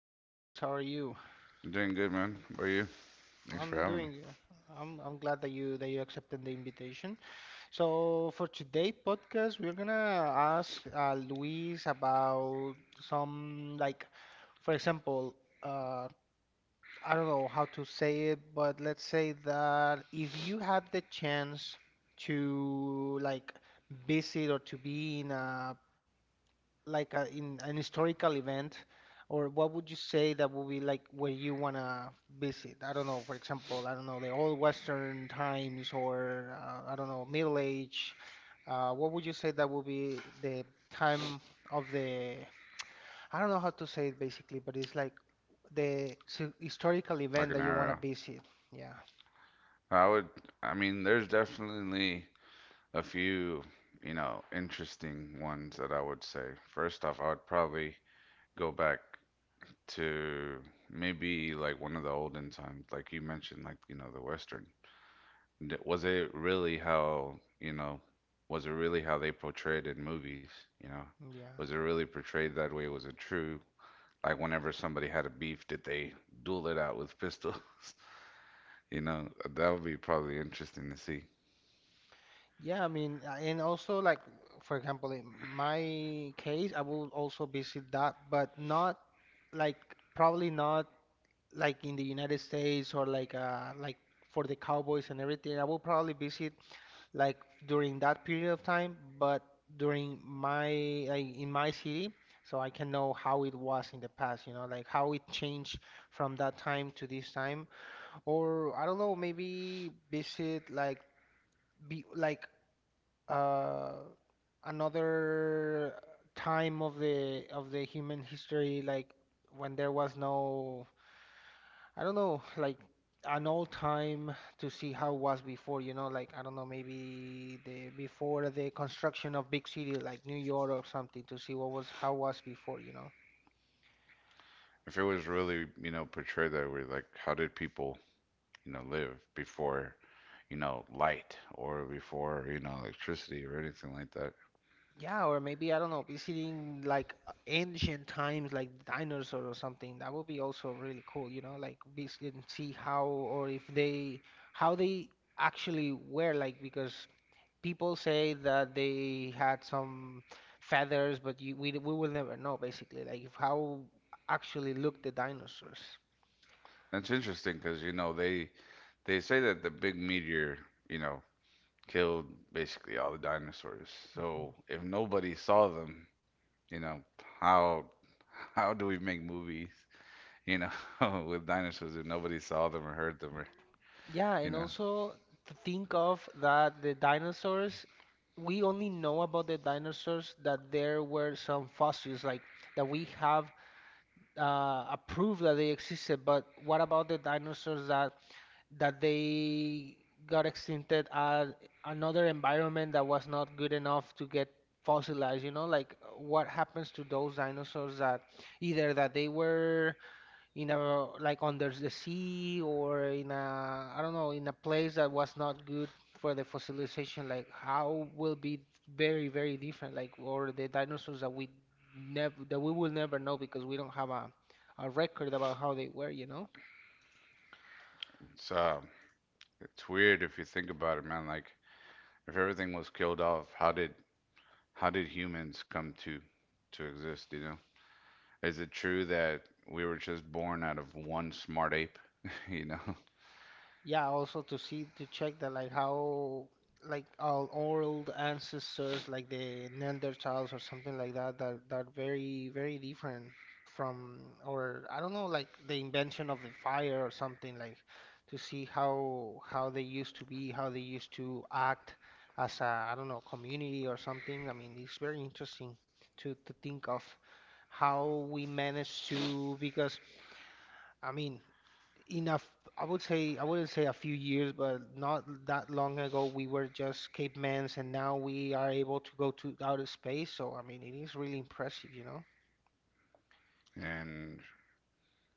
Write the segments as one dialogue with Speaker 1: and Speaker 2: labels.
Speaker 1: Hello, Luis. How are you?
Speaker 2: I'm doing good, man. How are you? Thanks for
Speaker 1: I'm
Speaker 2: having me.
Speaker 1: doing. I am I'm glad that you accepted the invitation. So for today podcast, we're gonna ask Luis about some like, for example, uh, I don't know how to say it, but let's say that if you had the chance to like visit or to be in a, in an historical event, or what would you say that would be like where you wanna visit? I don't know, for example, I don't know, the old Western times, or I don't know, Middle Age. What would you say that would be the time of the, I don't know how to say it basically, but it's like the historical
Speaker 2: Like
Speaker 1: event
Speaker 2: an
Speaker 1: that you wanna
Speaker 2: arrow.
Speaker 1: visit. Yeah,
Speaker 2: I would, I mean, there's definitely a few, you know, interesting ones that I would say. First off, I would probably go back to maybe like one of the olden times, like you mentioned, like, you know, the Western. D- Was it really how, you know, was it really how they portrayed in movies, you know? Was
Speaker 1: yeah.
Speaker 2: it really portrayed that way? Was it true? Like whenever somebody had a beef, did they duel it out with pistols? You know, that would be probably interesting to see.
Speaker 1: Yeah, I mean, and also like for example, in my case, I will also visit that, but not like probably not like in the United States or like for the Cowboys and everything. I will probably visit like during that period of time, but during my like in my city, so I can know how it was in the past, you know, like how it changed from that time to this time. Or I don't know, maybe visit like be like uh, another time of the human history, like when there was no, I don't know, like an old time to see how it was before, you know, like I don't know, maybe the before the construction of big city like New York or something to see what was how was before, you know.
Speaker 2: If it was really, you know, portrayed that way, like how did people, you know, live before, you know, light or before, you know, electricity or anything like that.
Speaker 1: Yeah, or maybe I don't know, visiting like ancient times, like dinosaur or something. That would be also really cool, you know, like visit and see how or if they how they actually were like because people say that they had some feathers, but you, we will never know basically, like if how actually looked the dinosaurs.
Speaker 2: That's interesting because, you know, they say that the big meteor, you know, killed basically all the dinosaurs. So if nobody saw them, you know, how how do we make movies, you know, with dinosaurs if nobody saw them or heard them or,
Speaker 1: Yeah,
Speaker 2: you
Speaker 1: and
Speaker 2: know.
Speaker 1: also to think of that the dinosaurs, we only know about the dinosaurs that there were some fossils, like that we have a proof that they existed. But what about the dinosaurs that they got extincted at another environment that was not good enough to get fossilized? You know, like what happens to those dinosaurs that either that they were in a like under the sea or in a I don't know in a place that was not good for the fossilization like how will be very very different like or the dinosaurs that we never that we will never know because we don't have a record about how they were you know.
Speaker 2: So, it's weird if you think about it, man. Like if everything was killed off, how did humans come to exist, you know? Is it true that we were just born out of one smart ape, you know?
Speaker 1: Yeah, also to see to check that like how like our old ancestors like the Neanderthals or something like that that very very different from or I don't know like the invention of the fire or something like to see how they used to be, how they used to act as a I don't know community or something. I mean, it's very interesting to think of how we managed to because. I mean, enough. I would say I wouldn't say a few years, but not that long ago we were just cavemans, and now we are able to go to outer space. So I mean, it is really impressive, you know.
Speaker 2: And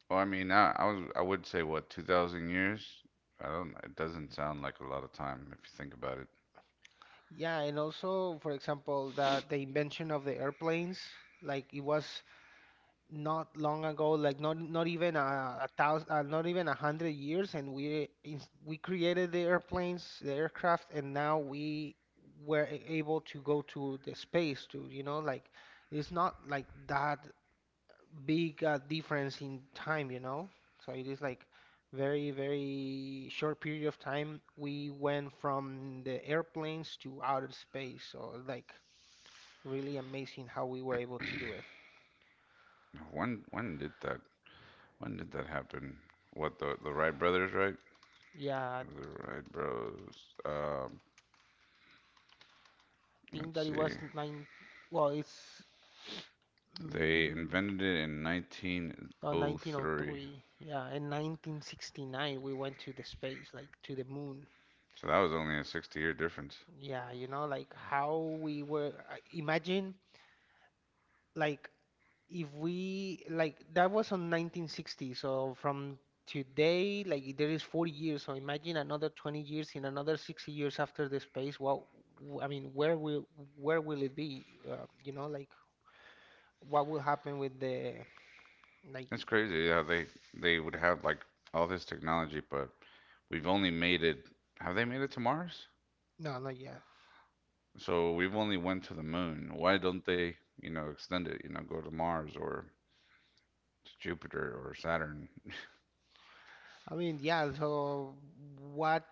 Speaker 2: well, I mean, I would say what, 2000 years? I don't it doesn't sound like a lot of time if you think about it.
Speaker 1: Yeah, and also, for example, that the invention of the airplanes, like it was not long ago, like not even a thousand, not even a hundred years, and we created the airplanes, the aircraft, and now we were able to go to the space to, you know, like it's not like that big a difference in time, you know. So it is like very, very short period of time we went from the airplanes to outer space. So like really amazing how we were able to do it.
Speaker 2: When when did that when did that happen? What, the Wright brothers, right?
Speaker 1: Yeah,
Speaker 2: The Wright bros. Um,
Speaker 1: think
Speaker 2: let's
Speaker 1: that it
Speaker 2: see.
Speaker 1: was nine. Well, it's
Speaker 2: They
Speaker 1: mm,
Speaker 2: invented it in
Speaker 1: no,
Speaker 2: 1903.
Speaker 1: 1903. Yeah, in 1969 we went to the space, like to the moon.
Speaker 2: So that was only a 60-year difference.
Speaker 1: Yeah, you know, like how we were. Imagine, like if we like that was on 1960. So from today, like there is 40 years. So imagine another 20 years, in another 60 years after the space. Well, I mean, where will it be? You know, like what will happen with the like.
Speaker 2: It's crazy how they would have like all this technology, but we've only made it. Have they made it to Mars?
Speaker 1: No, not yet.
Speaker 2: So we've only went to the moon. Why don't they, you know, extend it? You know, go to Mars or to Jupiter or Saturn.
Speaker 1: I mean, yeah, so what,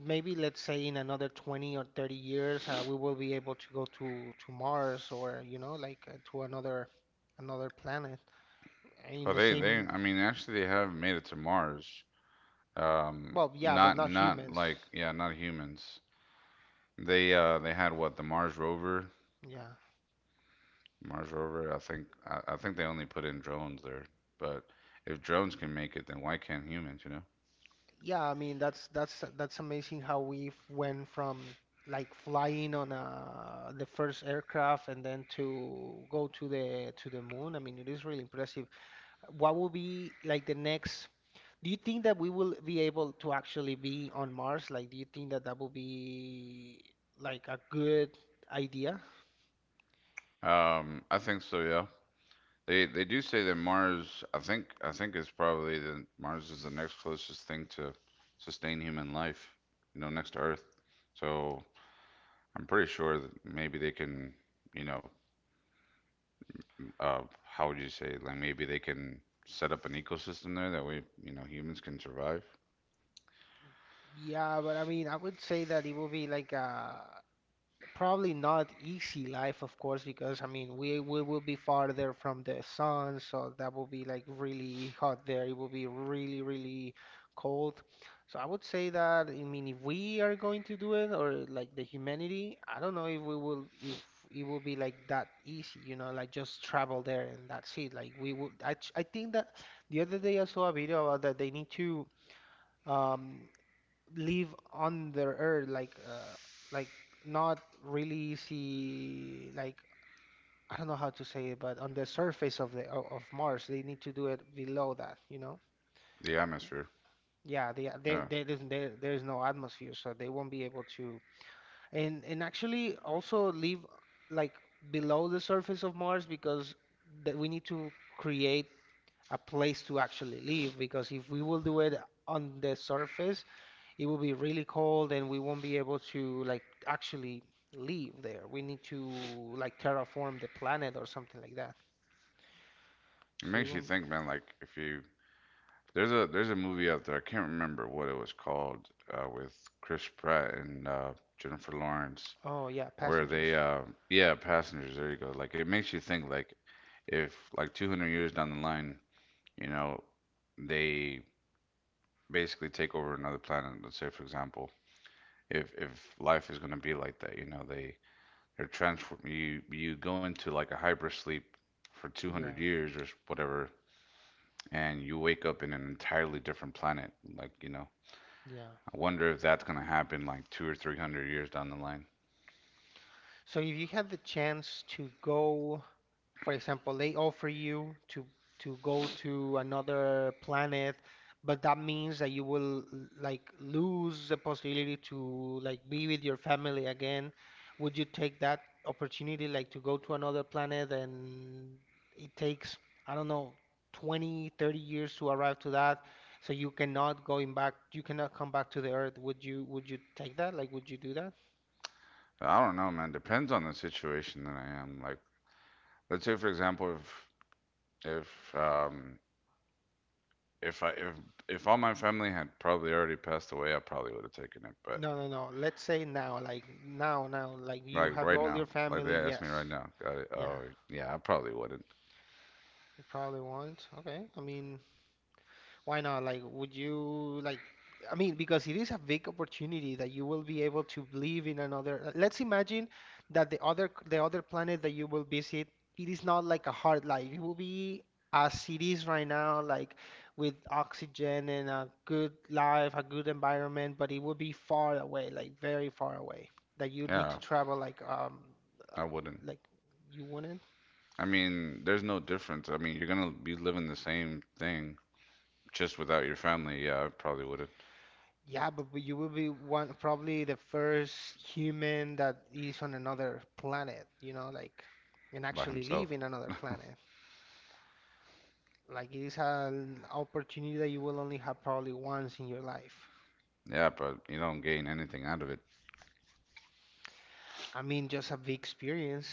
Speaker 1: maybe let's say in another 20 or 30 years, we will be able to go to Mars or, you know, like to another another planet in
Speaker 2: Oh,
Speaker 1: the
Speaker 2: they they.
Speaker 1: same,
Speaker 2: I mean, actually, they have made it to Mars. Um,
Speaker 1: well, yeah, but
Speaker 2: not
Speaker 1: not
Speaker 2: not
Speaker 1: humans.
Speaker 2: like, yeah, not humans. They had what, the Mars rover
Speaker 1: Yeah.
Speaker 2: Mars rover. I think they only put in drones there, but if drones can make it, then why can't humans? You
Speaker 1: Yeah, I mean, that's amazing how we went from like flying on the first aircraft and then to go to the moon. I mean, it is really impressive. What will be like the next. Do you think that we will be able to actually be on Mars? Like, do you think that that will be like a good idea?
Speaker 2: know? I think so. Yeah. They do say that Mars. I think it's probably the Mars is the next closest thing to sustain human life. You know, next to Earth. So I'm pretty sure that maybe they can. You know, how would you say? Like maybe they can set up an ecosystem there that way. You know, humans can survive
Speaker 1: Yeah, but I mean, I would say that it will be like a probably not easy life, of course, because I mean we will be farther from the sun, so that will be like really hot there. It will be really, really cold. So I would say that I mean if we are going to do it or like the humanity, I don't know if we will if it will be like that easy, you know, like just travel there and that's it. Like we would I think that the other day I saw a video about that they need to um live on the earth like not really see like I don't know how to say it but on the surface of of Mars they need to do it below that you know.
Speaker 2: the
Speaker 1: Be-
Speaker 2: atmosphere.
Speaker 1: yeah
Speaker 2: Yeah.
Speaker 1: they there's there's no atmosphere so they won't be able to and actually also live like below the surface of Mars because that we need to create a place to actually live because if we will do it on the surface it will be really cold and we won't be able to like actually live there. We need to like terraform the planet or something like that.
Speaker 2: It
Speaker 1: So it
Speaker 2: makes you
Speaker 1: won't.
Speaker 2: think, man, like if you. There's a movie out there. I can't remember what it was called, with Chris Pratt and, Jennifer Lawrence,
Speaker 1: Oh yeah,
Speaker 2: where they,
Speaker 1: passengers.
Speaker 2: yeah, Passengers. There you go. Like it makes you think like if like 200 years down the line, you know, they basically take over another planet. Let's say for example, if life is gonna be like that, you know, they're transform you go into like a hypersleep for 200
Speaker 1: Yeah,
Speaker 2: years or whatever, and you wake up in an entirely different planet. Like, you know,
Speaker 1: yeah.
Speaker 2: I wonder if that's gonna happen like two or three hundred years down the line.
Speaker 1: So if you had the chance to go. For example, they offer you to go to another planet, but that means that you will like lose the possibility to like be with your family again. Would you take that opportunity like to go to another planet and it takes, I don't know, 20, 30 years to arrive to that, so you cannot going back, you cannot come back to the Earth. Would you take that? Like, would you do that?
Speaker 2: But I don't know, man. Depends on the situation that I am. Like, let's say for example, if um if I if all my family had probably already passed away, I probably would have taken it. But
Speaker 1: No, no, no. Let's say now, like now, now, like you
Speaker 2: like
Speaker 1: have
Speaker 2: right
Speaker 1: all
Speaker 2: now,
Speaker 1: your
Speaker 2: like
Speaker 1: family.
Speaker 2: they asked
Speaker 1: Yes.
Speaker 2: me right now, got it? Oh
Speaker 1: Yeah.
Speaker 2: yeah, I probably wouldn't.
Speaker 1: You probably won't. Okay. I mean, why not? Like, would you like? I mean, because it is a big opportunity that you will be able to live in another. Let's imagine that the other planet that you will visit, it is not like a hard life. It will be as it is right now, like with oxygen and a good life, a good environment, but it will be far away, like very far away, that you need to
Speaker 2: Yeah,
Speaker 1: travel uh,
Speaker 2: I wouldn't.
Speaker 1: like you wouldn't.
Speaker 2: I mean, there's no difference. I mean, you're gonna be living the same thing just without your family. Yeah, I probably wouldn't.
Speaker 1: Yeah, but you will be one probably the first human that is on another planet, you know, like and
Speaker 2: By
Speaker 1: actually live
Speaker 2: himself.
Speaker 1: in another planet. Like it is an opportunity that you will only have probably once in your life.
Speaker 2: Yeah, but you don't gain anything out of it.
Speaker 1: I mean, just a big experience.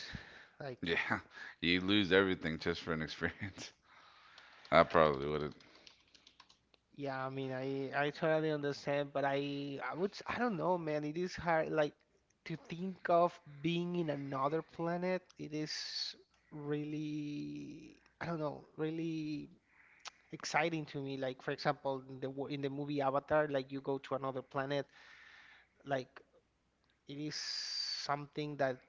Speaker 1: Like,
Speaker 2: Yeah, you lose everything just for an experience. I probably wouldn't.
Speaker 1: yeah, I mean, I totally understand, but I would I don't know, man. It is hard like to think of being in another planet. It is really I don't know, really exciting to me. Like for example, in the movie Avatar, like you go to another planet, like it is something that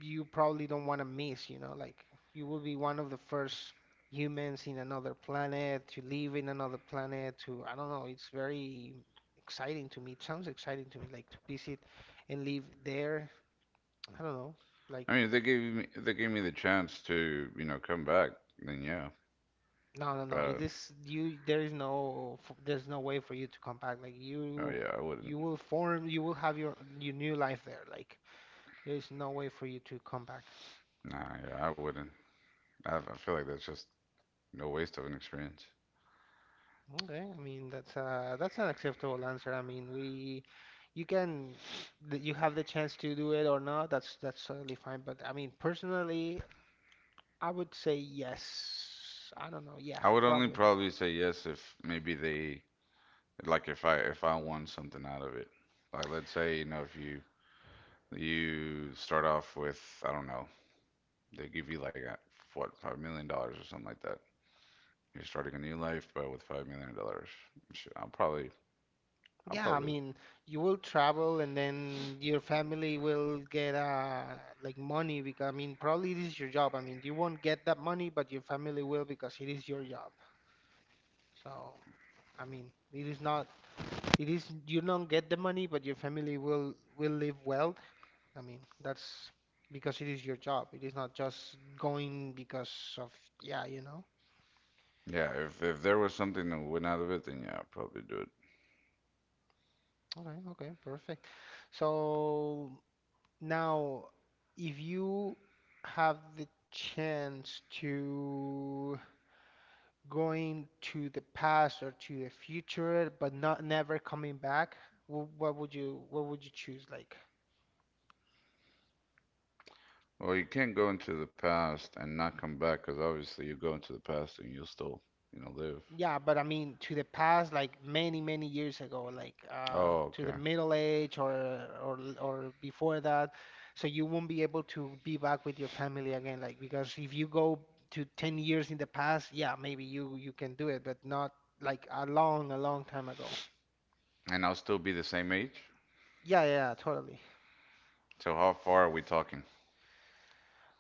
Speaker 1: you probably don't want to miss, you know, like you will be one of the first humans in another planet to live in another planet to I don't know, it's very exciting to me. It sounds exciting to me like to visit and live there. I don't know,
Speaker 2: I
Speaker 1: like.
Speaker 2: mean, if they gave me the chance to, you know, come back, then yeah.
Speaker 1: No, no, no. It
Speaker 2: But
Speaker 1: is you. There is no. There's no way for you to come back. Like
Speaker 2: oh
Speaker 1: you,
Speaker 2: yeah, I wouldn't.
Speaker 1: you will form. You will have your new life there. Like there is no way for you to come back.
Speaker 2: Nah, yeah, I wouldn't. I feel like that's just no waste of an experience.
Speaker 1: Okay. I mean that's an acceptable answer. I mean we, you can, you have the chance to do it or not. That's totally fine. But I mean personally, I would say yes. I don't know. Yeah,
Speaker 2: I would only
Speaker 1: probably.
Speaker 2: probably say yes if maybe they, like if I won something out of it. Like, let's say, you know, if you start off with, I don't know, they give you like a, what, $5 million or something like that. You're starting a new life, but with $5 million. I'll probably, I'll
Speaker 1: Yeah, I
Speaker 2: probably,
Speaker 1: mean, you will travel and then your family will get like money, because I mean, probably it is your job. I mean, you won't get that money, but your family will, because it is your job. So, I mean, it is not it is you don't get the money, but your family will live well. I mean, that's because it is your job. It is not just going because of yeah, you know.
Speaker 2: yeah. If there was something that went out of it, then yeah, I'd probably do it.
Speaker 1: Okay, okay, perfect. So, now, if you have the chance to going to the past or to the future, but not never coming back, what would you choose? Like,
Speaker 2: Well, you can't go into the past and not come back, because obviously you go into the past and you'll still, you know, live.
Speaker 1: yeah, but I mean to the past, like many, many years ago, like
Speaker 2: Oh,
Speaker 1: to the
Speaker 2: okay.
Speaker 1: middle age or or before that. So you won't be able to be back with your family again, like because if you go to 10 years in the past, yeah, maybe you can do it, but not like a long time ago.
Speaker 2: And I'll still be the same age.
Speaker 1: Yeah, yeah, yeah, totally.
Speaker 2: So how far are we talking?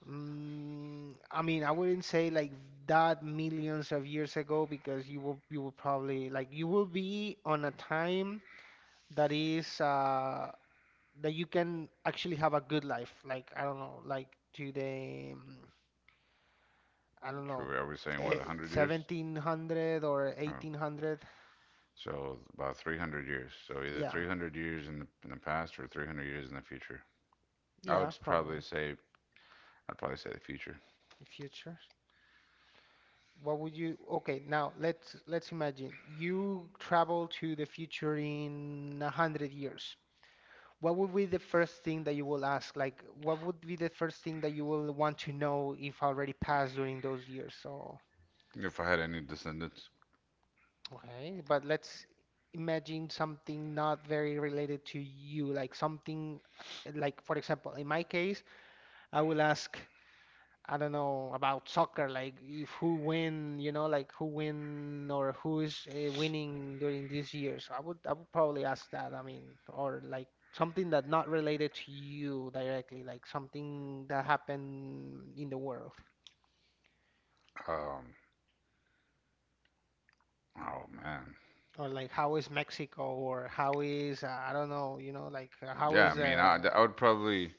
Speaker 1: I mean, I wouldn't say like that millions of years ago, because you will probably like you will be on a time that is that you can actually have a good life. Like I don't know, like to the I don't know,
Speaker 2: True. Are we saying what,
Speaker 1: eh,
Speaker 2: 100 years?
Speaker 1: 1700 or
Speaker 2: Oh,
Speaker 1: 1800.
Speaker 2: so about 300 years. So either
Speaker 1: Yeah,
Speaker 2: 300 years in the past or 300 years in the future. I
Speaker 1: yeah,
Speaker 2: would probably
Speaker 1: probably
Speaker 2: say, I'd probably say the future
Speaker 1: the future. What would you? Okay, now let's imagine you travel to the future in a hundred years. What would be the first thing that you will ask? Like, what would be the first thing that you will want to know if already passed during those years? So,
Speaker 2: if I had any descendants.
Speaker 1: okay, but let's imagine something not very related to you, like something like, for example, in my case, I will ask, I don't know, about soccer, like if who win, you know, like who win or who is winning during these years. I would probably ask that. I mean, or like something that not related to you directly, like something that happened in the world.
Speaker 2: Um, oh man.
Speaker 1: Or like how is Mexico, or how is I don't know, you know, like how
Speaker 2: Yeah, I
Speaker 1: is
Speaker 2: mean, I, I would probably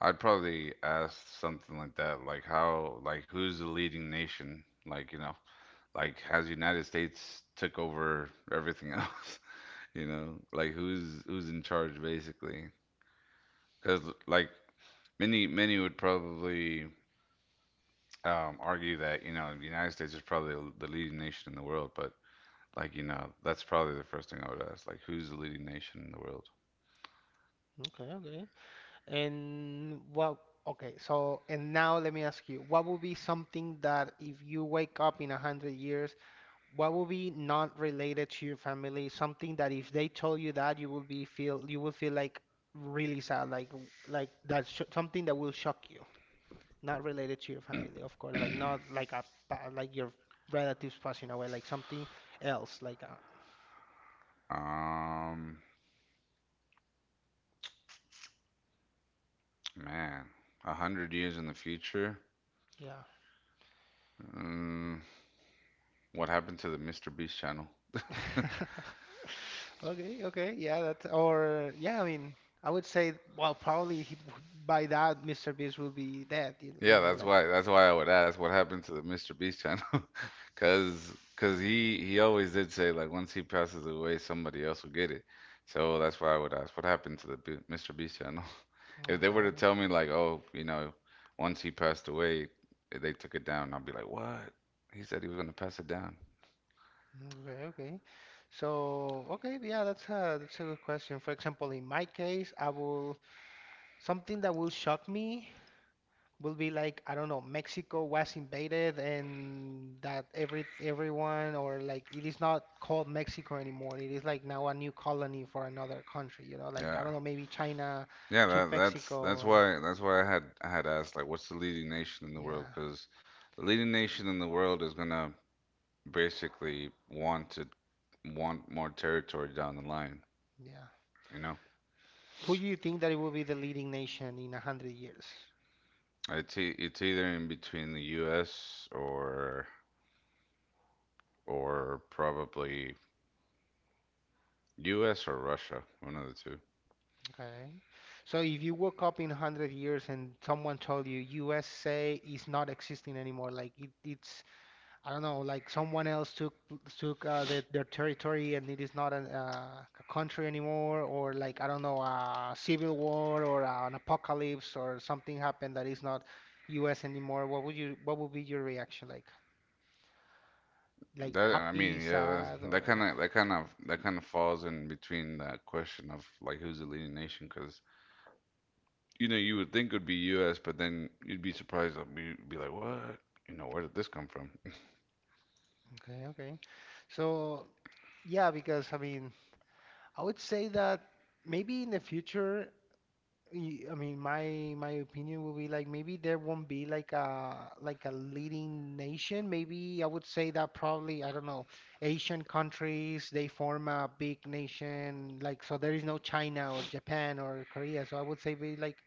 Speaker 2: I'd probably ask something like that, like how, like who's the leading nation? Like, you know, like has United States took over everything else, you know? Like who's in charge basically? Because like many would probably argue that, you know, the United States is probably the leading nation in the world, but like, you know, that's probably the first thing I would ask, like who's the leading nation in the world?
Speaker 1: okay, okay. And well, okay, so and now let me ask you, what would be something that if you wake up in a hundred years, what would be not related to your family? Something that if they told you that you will be feel you will feel like really sad, like that sh something that will shock you, not related to your family, of course, like not like a like your relatives passing away, like something else, like
Speaker 2: Um Man, 100 years in the future.
Speaker 1: yeah.
Speaker 2: Mm, what happened to the Mr. Beast channel?
Speaker 1: Okay, okay, yeah, that's or yeah, I mean, I would say well, probably he, by that Mr. Beast will be dead, you
Speaker 2: Yeah,
Speaker 1: know,
Speaker 2: that's
Speaker 1: like
Speaker 2: why. That's why I would ask what happened to the Mr. Beast channel, because he always did say, like once he passes away, somebody else will get it. So that's why I would ask what happened to the B Mr. Beast channel. If they were to
Speaker 1: okay,
Speaker 2: tell me like, oh, you know, once he passed away, they took it down, I would be like, what? He said he was gonna pass it down.
Speaker 1: okay, okay. So okay, yeah, that's a good question. For example, in my case, I will something that will shock me. Will be like I don't know, Mexico was invaded and that every everyone or like it is not called Mexico anymore. It is like now a new colony for another country, you know, like I
Speaker 2: Yeah.
Speaker 1: don't know, maybe China
Speaker 2: Yeah,
Speaker 1: took
Speaker 2: that, that's
Speaker 1: Mexico
Speaker 2: that's
Speaker 1: and
Speaker 2: why that's why I had asked, like what's the leading nation in the world?
Speaker 1: yeah,
Speaker 2: Because the leading nation in the world is gonna basically want more territory down the line.
Speaker 1: yeah.
Speaker 2: You know,
Speaker 1: Who do you think that it will be the leading nation in a hundred years?
Speaker 2: it's it's either in between the U.S. or probably U.S. or Russia, one of the two.
Speaker 1: Okay. So if you woke up in a hundred years and someone told you USA is not existing anymore, like it's I don't know, like someone else took the, their territory, and it is not an, a country anymore, or like I don't know, a civil war or an apocalypse or something happened that is not U.S. anymore. What would you what would be your reaction? Like
Speaker 2: That, I
Speaker 1: happy,
Speaker 2: mean, yeah,
Speaker 1: sad, or
Speaker 2: that kind of falls in between that question of like who's the leading nation, because you know you would think would be U.S., but then you'd be surprised. I'd be like, what? You know, where did this come from?
Speaker 1: okay, okay. So yeah, because I mean, I would say that maybe in the future I mean, my opinion would be like maybe there won't be like a leading nation. Maybe I would say that probably I don't know Asian countries they form a big nation, like so there is no China or Japan or Korea. So I would say be like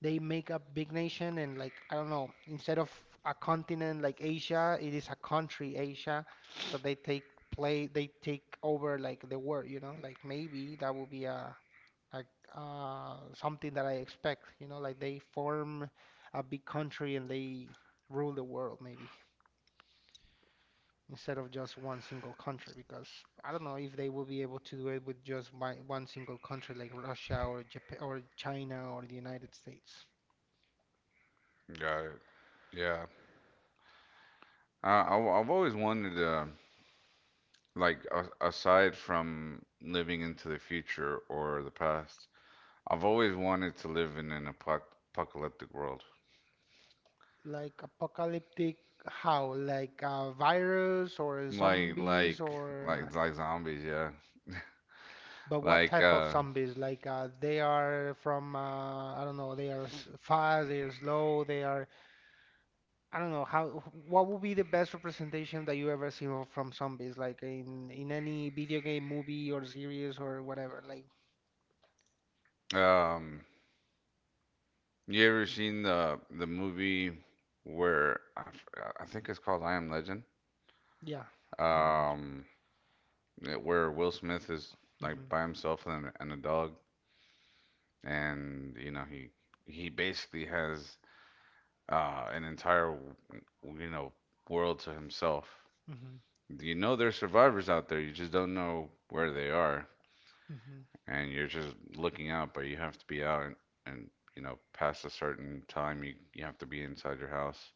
Speaker 1: they make a big nation, and like I don't know instead of a continent like Asia it is a country Asia. So they take play they take over like the world, you know, like maybe that would be a like something that I expect, you know, like they form a big country and they rule the world maybe, instead of just one single country, because I don't know if they will be able to do it with just one single country like Russia or Japan or China or the United States.
Speaker 2: Got it. Yeah. I've always wanted, like a, aside from living into the future or the past, I've always wanted to live in an apocalyptic world.
Speaker 1: Like apocalyptic how? Like a virus or
Speaker 2: Like
Speaker 1: zombies
Speaker 2: like
Speaker 1: or
Speaker 2: like zombies, yeah.
Speaker 1: but what
Speaker 2: Like,
Speaker 1: type of zombies? Like they are from I don't know, they are fast, they are slow, they are I don't know how what would be the best representation that you ever seen from zombies, like in any video game, movie, or series or whatever. Like,
Speaker 2: um you ever seen the movie where I think it's called I Am Legend?
Speaker 1: yeah, I'm.
Speaker 2: Um Yeah, where Will Smith is like
Speaker 1: Mm-hmm,
Speaker 2: by himself, and a dog, and you know he basically has, an entire, you know, world to himself.
Speaker 1: mm-hmm,
Speaker 2: You know there's survivors out there, you just don't know where they are,
Speaker 1: mm-hmm,
Speaker 2: and you're just looking out, but you have to be out, and you know past a certain time you have to be inside your house.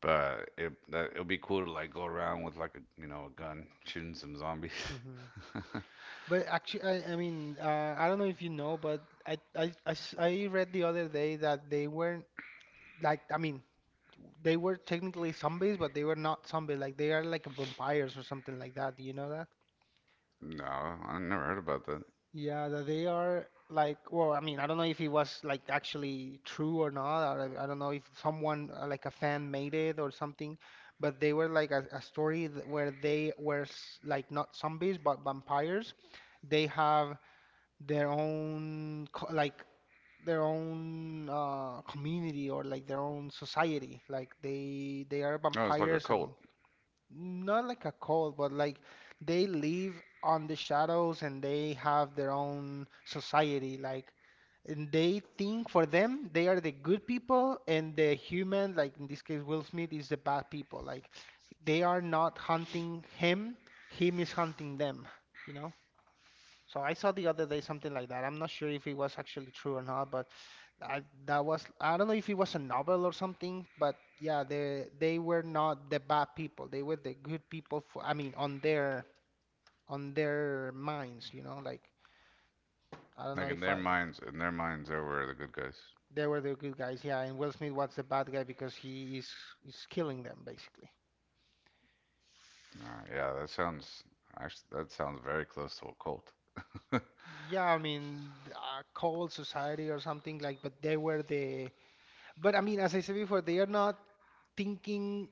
Speaker 2: But it'll be cool to like go around with like a you know a gun shooting some zombies.
Speaker 1: mm-hmm. But actually, I mean, I don't know if you know, but I, I read the other day that they weren't like, I mean, they were technically zombies, but they were not zombies. Like they are like vampires or something like that. Do you know that?
Speaker 2: No, I never heard about.
Speaker 1: Yeah, that they are like, well, I mean, I don't know if it was like actually true or not. Or I don't know if someone, like a fan, made it or something, but they were like a where they were like not zombies but vampires. They have their own, co like, their own community or like their own society. Like they are
Speaker 2: Oh, it's like a
Speaker 1: vampires. I
Speaker 2: cult.
Speaker 1: mean, not like a cult, but like they live on the shadows and they have their own society. Like, and they think for them they are the good people, and the human, like in this case, Will Smith, is the bad people. Like, they are not hunting him, him is hunting them, you know? So I saw the other day something like that. I'm not sure if it was actually true or not, but I, that was I don't know if it was a novel or something, but yeah, they were not the bad people. They were the good people for, I mean, on their minds, you know, like I don't know
Speaker 2: Like,
Speaker 1: if I
Speaker 2: in their minds, they are were the good guys.
Speaker 1: they were the good guys. Yeah, and Will Smith was the bad guy because he is killing them basically.
Speaker 2: Yeah, that sounds very close to a cult.
Speaker 1: Yeah, I mean, cold society or something like, but they were the but I mean, as I said before, they are not thinking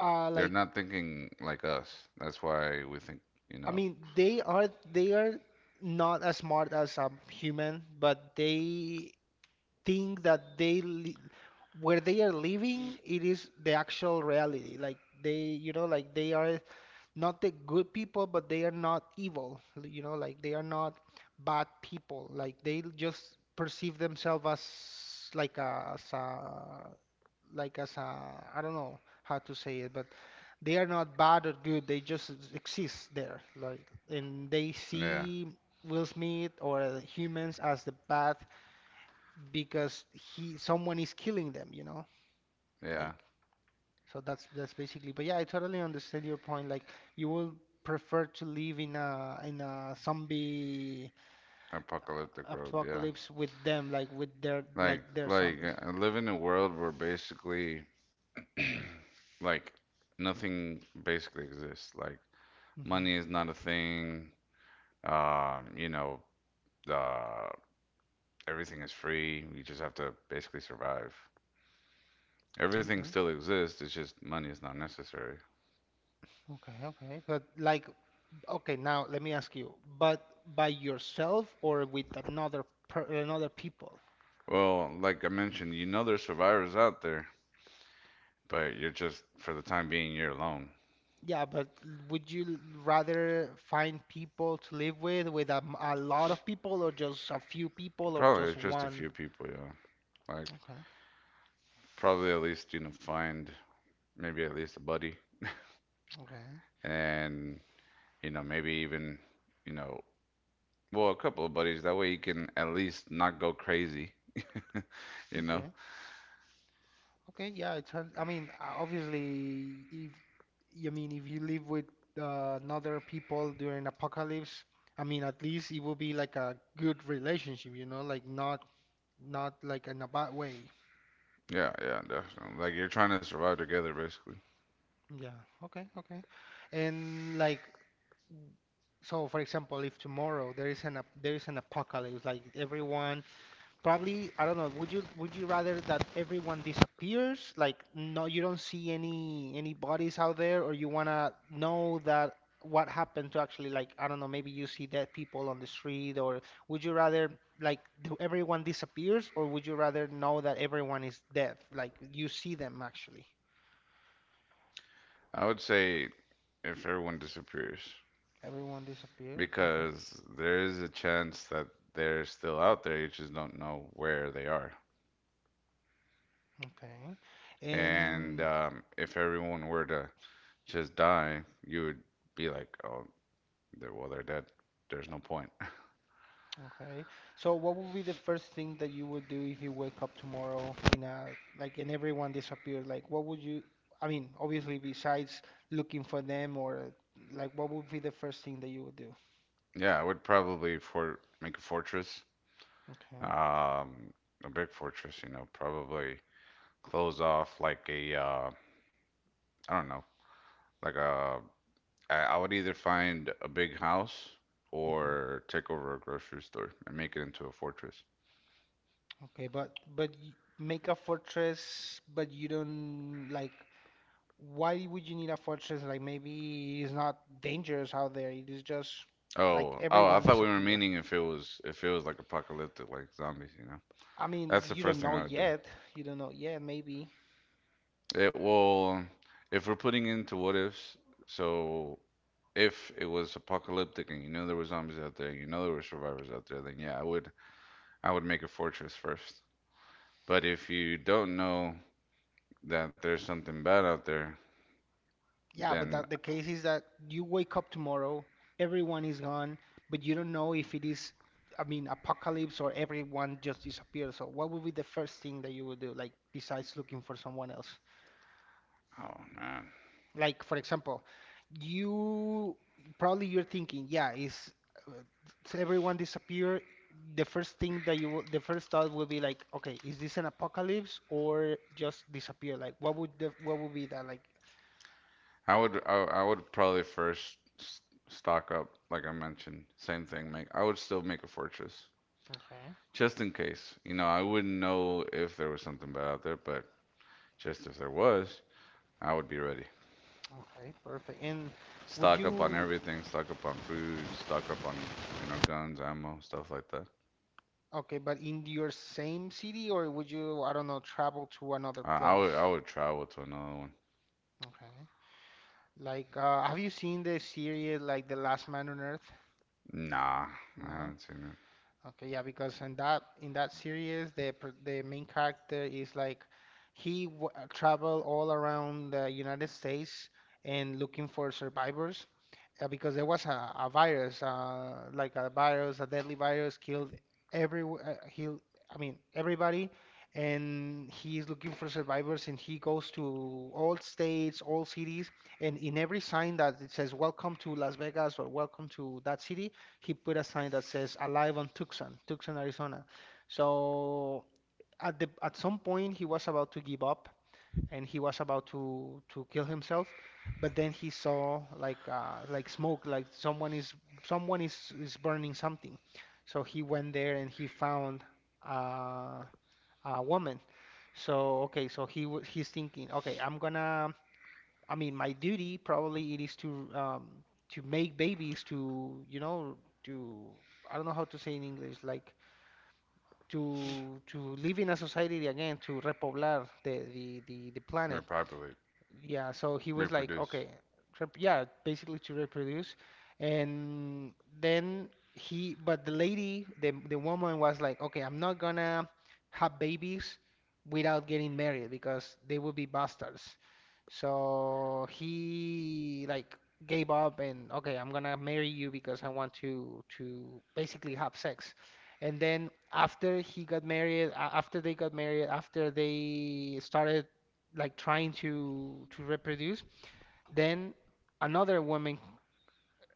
Speaker 2: They're
Speaker 1: like
Speaker 2: not thinking like us. That's why we think, you
Speaker 1: I
Speaker 2: know.
Speaker 1: mean, they are not as smart as a human, but they think that they li where they are living, it is the actual reality. Like they, you know, like they are not the good people, but they are not evil. You know, like they are not bad people. Like they just perceive themselves as like a, as a like as a I don't know how to say it, but they are not bad or good. They just exist there. Like and they
Speaker 2: Yeah,
Speaker 1: see Will Smith or humans as the bad because he someone is killing them. You know,
Speaker 2: yeah.
Speaker 1: like so that's basically, but yeah, I totally understand your point. Like you will prefer to live in a zombie
Speaker 2: Apocalyptic world. Yeah,
Speaker 1: apocalypse with them, like with their like their zombies.
Speaker 2: live in a world where basically, like nothing basically exists. Like
Speaker 1: Hmm.
Speaker 2: money is not a thing. You know, uh, everything is free. You just have to basically survive. Everything
Speaker 1: Okay,
Speaker 2: still exists, it's just money is not necessary.
Speaker 1: okay, okay. But like, okay, now let me ask you, but by yourself or with another per another people?
Speaker 2: Well, like I mentioned, you know there's survivors out there, but you're just, for the time being, you're alone.
Speaker 1: Yeah, but would you rather find people to live with a, a lot of people, or just a few people, or
Speaker 2: Probably
Speaker 1: just
Speaker 2: it's just a
Speaker 1: one?
Speaker 2: few people, yeah. Like,
Speaker 1: Okay,
Speaker 2: probably at least, you know, find maybe at least a buddy
Speaker 1: okay,
Speaker 2: and, you know, maybe even, you know, well, a couple of buddies. That way you can at least not go crazy, you know?
Speaker 1: okay. Okay, yeah, it's. Sounds. I mean, obviously, if I mean, if you live with another people during apocalypse, I mean, at least it will be like a good relationship, you know, like not not like in a bad way.
Speaker 2: Yeah, yeah, definitely. Like, you're trying to survive together, basically.
Speaker 1: Yeah. Okay. Okay. And like, so for example, if tomorrow there is an there is an apocalypse, like everyone probably, I don't know. Would you rather that everyone disappears? Like, no, you don't see any bodies out there, or you wanna know that what happened to actually like, I don't know, maybe you see dead people on the street, or would you rather like do everyone disappears, or would you rather know that everyone is dead? Like you see them actually.
Speaker 2: I would say if everyone disappears.
Speaker 1: Everyone disappears. Okay.
Speaker 2: Because there is a chance that they're still out there. You just don't know where they are.
Speaker 1: Okay.
Speaker 2: And
Speaker 1: And
Speaker 2: if everyone were to just die, you would be like, oh, they're, well, they're dead. There's no point.
Speaker 1: okay. So what would be the first thing that you would do if you wake up tomorrow in a like and everyone disappeared? Like what would you? Obviously besides looking for them or like what would be the first thing that you would do?
Speaker 2: Yeah, I would probably for make a fortress,
Speaker 1: Okay.
Speaker 2: um, a big fortress. You know, probably close off like a I don't know, like a I would either find a big house
Speaker 1: hmm
Speaker 2: or take over a grocery store and make it into a fortress.
Speaker 1: Okay, but y make a fortress, but you don't like, why would you need a fortress? Like maybe it's not dangerous out there. It is just like
Speaker 2: Oh, I
Speaker 1: everyone
Speaker 2: thought we were
Speaker 1: disappear.
Speaker 2: meaning if it was like apocalyptic, like zombies, you know.
Speaker 1: I mean,
Speaker 2: That's the
Speaker 1: you don't
Speaker 2: first thing
Speaker 1: know
Speaker 2: I would do.
Speaker 1: yet. You don't know yet, maybe.
Speaker 2: It will, if we're putting into what ifs, so if it was apocalyptic and you know there were zombies out there, you know there were survivors out there, then yeah, I would make a fortress first. But if you don't know that there's something bad out there,
Speaker 1: Yeah, but
Speaker 2: then
Speaker 1: that the case is that you wake up tomorrow, everyone is gone, but you don't know if it is, I mean, apocalypse or everyone just disappears. So what would be the first thing that you would do, like besides looking for someone else?
Speaker 2: oh man,
Speaker 1: Like for example, you probably you're thinking, yeah, is uh, so everyone disappear? The first thing that you will, the first thought will be like, okay, is this an apocalypse or just disappear? Like what would the, what would be that like?
Speaker 2: I would I, I would probably stock up, like I mentioned, same thing. Make I would still make a fortress.
Speaker 1: Okay.
Speaker 2: Just in case. You know, I wouldn't know if there was something bad out there, but just if there was, I would be ready.
Speaker 1: Okay, perfect. And would
Speaker 2: Stock
Speaker 1: you,
Speaker 2: up on everything, stock up on food, stock up on, you know, guns, ammo, stuff like that.
Speaker 1: okay, but in your same city, or would you, I don't know, travel to another
Speaker 2: I
Speaker 1: place?
Speaker 2: would I would travel to another one.
Speaker 1: Okay. Like, have you seen the series like The Last Man on Earth?
Speaker 2: Nah, I
Speaker 1: No?
Speaker 2: haven't seen it.
Speaker 1: Okay, yeah, because in that series, the the main character is like he w traveled all around the United States and looking for survivors, because there was a virus, like a virus, a deadly virus, killed every he'll, I mean everybody, and he is looking for survivors, and he goes to all states, all cities, and in every sign that it says "Welcome to Las Vegas" or "Welcome to that city," he put a sign that says "Alive on Tucson, Tucson, Arizona." So at the at some point, he was about to give up and he was about to kill himself, but then he saw like smoke, like someone is someone is burning something. So he went there and he found uh, a woman. So okay, so he's thinking, okay, I'm gonna. I mean, my duty probably it is to make babies, to you know, to I don't know how to say in English like to live in a society again, to repoblar the planet.
Speaker 2: Repopulate,
Speaker 1: Yeah, so he was like,
Speaker 2: reproduce.
Speaker 1: okay, rep yeah, basically to reproduce. And then he, but the lady, the woman was like, okay, I'm not gonna have babies without getting married because they will be bastards. So he like gave up and okay, I'm gonna marry you because I want to basically have sex. And then after he got married, after they got married, after they started like trying to reproduce, then another woman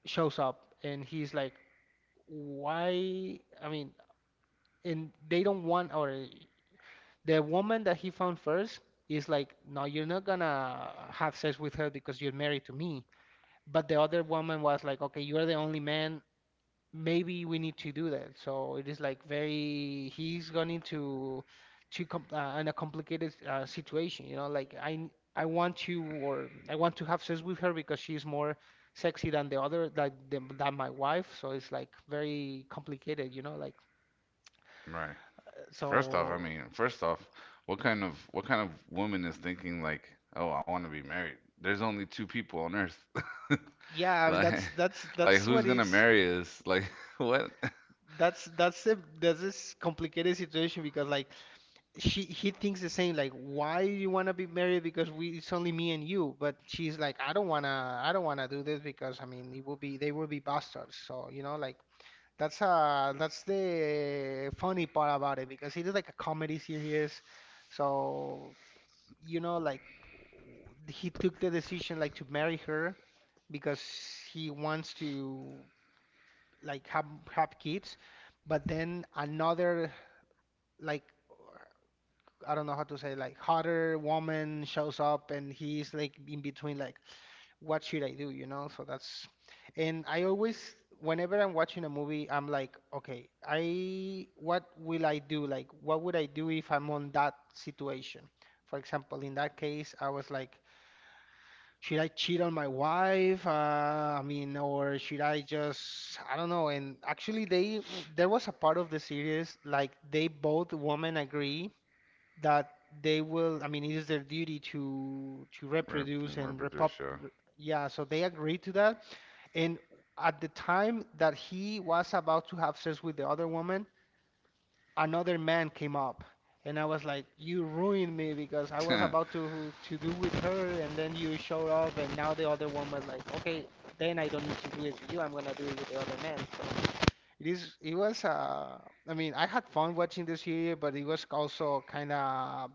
Speaker 1: shows up and he's like, why? I mean, and they don't want, or the woman that he found first is like, no, you're not gonna have sex with her because you're married to me. But the other woman was like, okay, you're the only man. Maybe we need to do that. So it is like very, he's gone into too com in a complicated situation. You know, like I want to, or I want to have sex with her because she's more sexy than the other, like than my wife. So it's like very complicated. You know, like
Speaker 2: Right. First off, I
Speaker 1: so
Speaker 2: mean, first off, what kind of woman is thinking like, "Oh, I want to be married." There's only two people on earth.
Speaker 1: yeah. I mean
Speaker 2: Like like
Speaker 1: that's
Speaker 2: who's
Speaker 1: what
Speaker 2: gonna
Speaker 1: it's.
Speaker 2: marry us? Like what?
Speaker 1: That's this complicated situation because like she, he thinks the same, like why do you want to be married, because we, it's only me and you, but she's like, I don't want to I don't want to do this because I mean it will be, they will be bastards, so you know like that's the funny part about it because it is like a comedy series, so you know like he took the decision like to marry her because he wants to like have kids, but then another, like, I don't know how to say, like hotter woman shows up, and he's like in between, like what should I do, you know? So that's, and I always, whenever I'm watching a movie, I'm like, okay, I what will I do? Like what would I do if I'm on that situation? For example, in that case, I was like, should I cheat on my wife? I mean, or should I just I don't know. And actually they there was a part of the series like they both women agree that they will, I mean, it is their duty to
Speaker 2: Rep-
Speaker 1: reproduce and
Speaker 2: Reproduce
Speaker 1: repop.
Speaker 2: show.
Speaker 1: Yeah, so they agreed to that. And at the time that he was about to have sex with the other woman, another man came up. And I was like, you ruined me because I was about to do with her, and then you showed up, and now the other woman's like, okay, then I don't need to do it with you. I'm gonna do it with the other man. So it is. It was. I mean, I had fun watching this series, but it was also kind of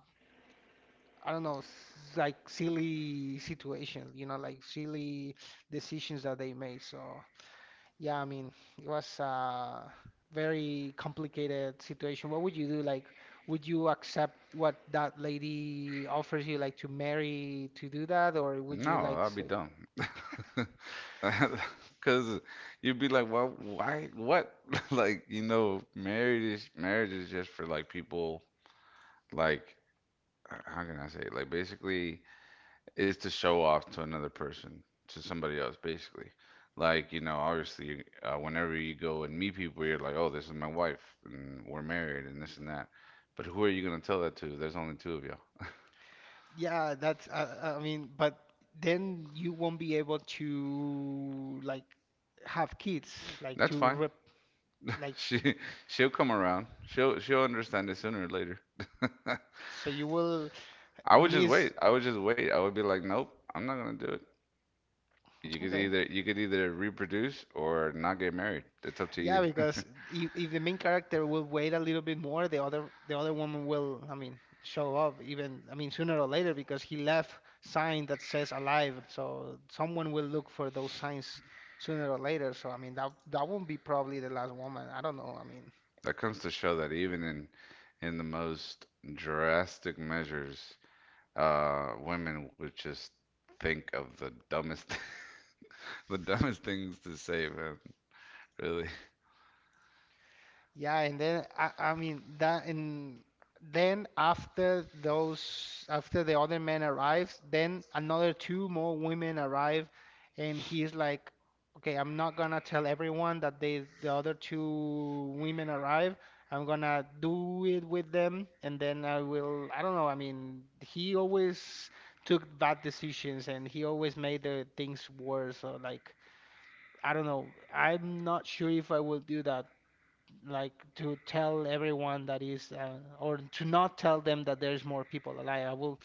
Speaker 1: I don't know, like silly situations, you know, like silly decisions that they made. So, yeah, I mean, it was a very complicated situation. What would you do? Like, would you accept what that lady offers you, like to marry to do that, or would
Speaker 2: No,
Speaker 1: you like
Speaker 2: I'll be
Speaker 1: say,
Speaker 2: dumb. Cause you'd be like, well, why, what? Like, you know, marriage is just for like people. Like, h- how can I say? It? Like, basically, it's to show off to another person, to somebody else, basically. Like, you know, obviously, whenever you go and meet people, you're like, oh, this is my wife, and we're married, and this and that. But who are you gonna tell that to? There's only two of you.
Speaker 1: yeah, that's, I mean, but then you won't be able to like have kids, like
Speaker 2: That's
Speaker 1: to
Speaker 2: fine.
Speaker 1: rep, like,
Speaker 2: She she'll come around. She'll understand it sooner or later.
Speaker 1: so you will
Speaker 2: I would just
Speaker 1: miss.
Speaker 2: wait. I would just wait. I would be like, nope, I'm not gonna do it. You could
Speaker 1: Okay.
Speaker 2: either you could either reproduce or not get married. It's up to
Speaker 1: Yeah,
Speaker 2: you.
Speaker 1: because if the main character will wait a little bit more, the other woman will, I mean, show up even, I mean, sooner or later because he left sign that says alive. So someone will look for those signs sooner or later. So I mean, that that won't be probably the last woman. I don't know. I mean,
Speaker 2: That comes to show that even in the most drastic measures, women would just think of the dumbest the dumbest things to say, man. Really,
Speaker 1: yeah, and then I mean that, and then after those, after the other man arrives, then another two more women arrive, and he's like, "Okay, I'm not gonna tell everyone that they, the other two women arrive. I'm gonna do it with them, and then I will. I don't know." I mean, he always took bad decisions, and he always made the things worse. So like, I don't know. I'm not sure if I will do that, like to tell everyone that is or to not tell them that there's more people alive. I will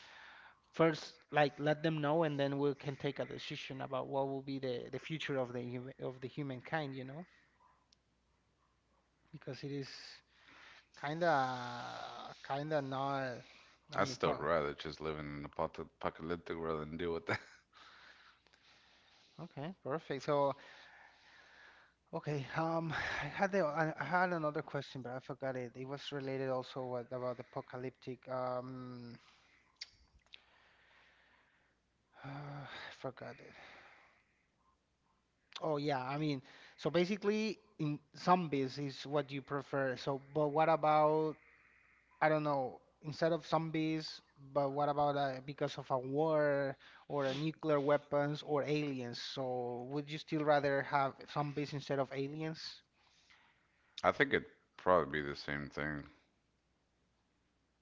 Speaker 1: first like let them know and then we can take a decision about what will be the future of the of the humankind, you know? Because it is kind of not I
Speaker 2: I'd
Speaker 1: mean,
Speaker 2: still
Speaker 1: pro
Speaker 2: rather just live in an apocalyptic world and deal with that.
Speaker 1: okay, perfect. So, okay, I had the I had another question, but I forgot it. It was related also what about the apocalyptic I forgot it. Oh yeah, I mean, so basically in zombies is what you prefer. So, but what about, I don't know, instead of zombies, but what about because of a war or a nuclear weapons or aliens? So, would you still rather have zombies instead of aliens?
Speaker 2: I think it'd probably be the same thing.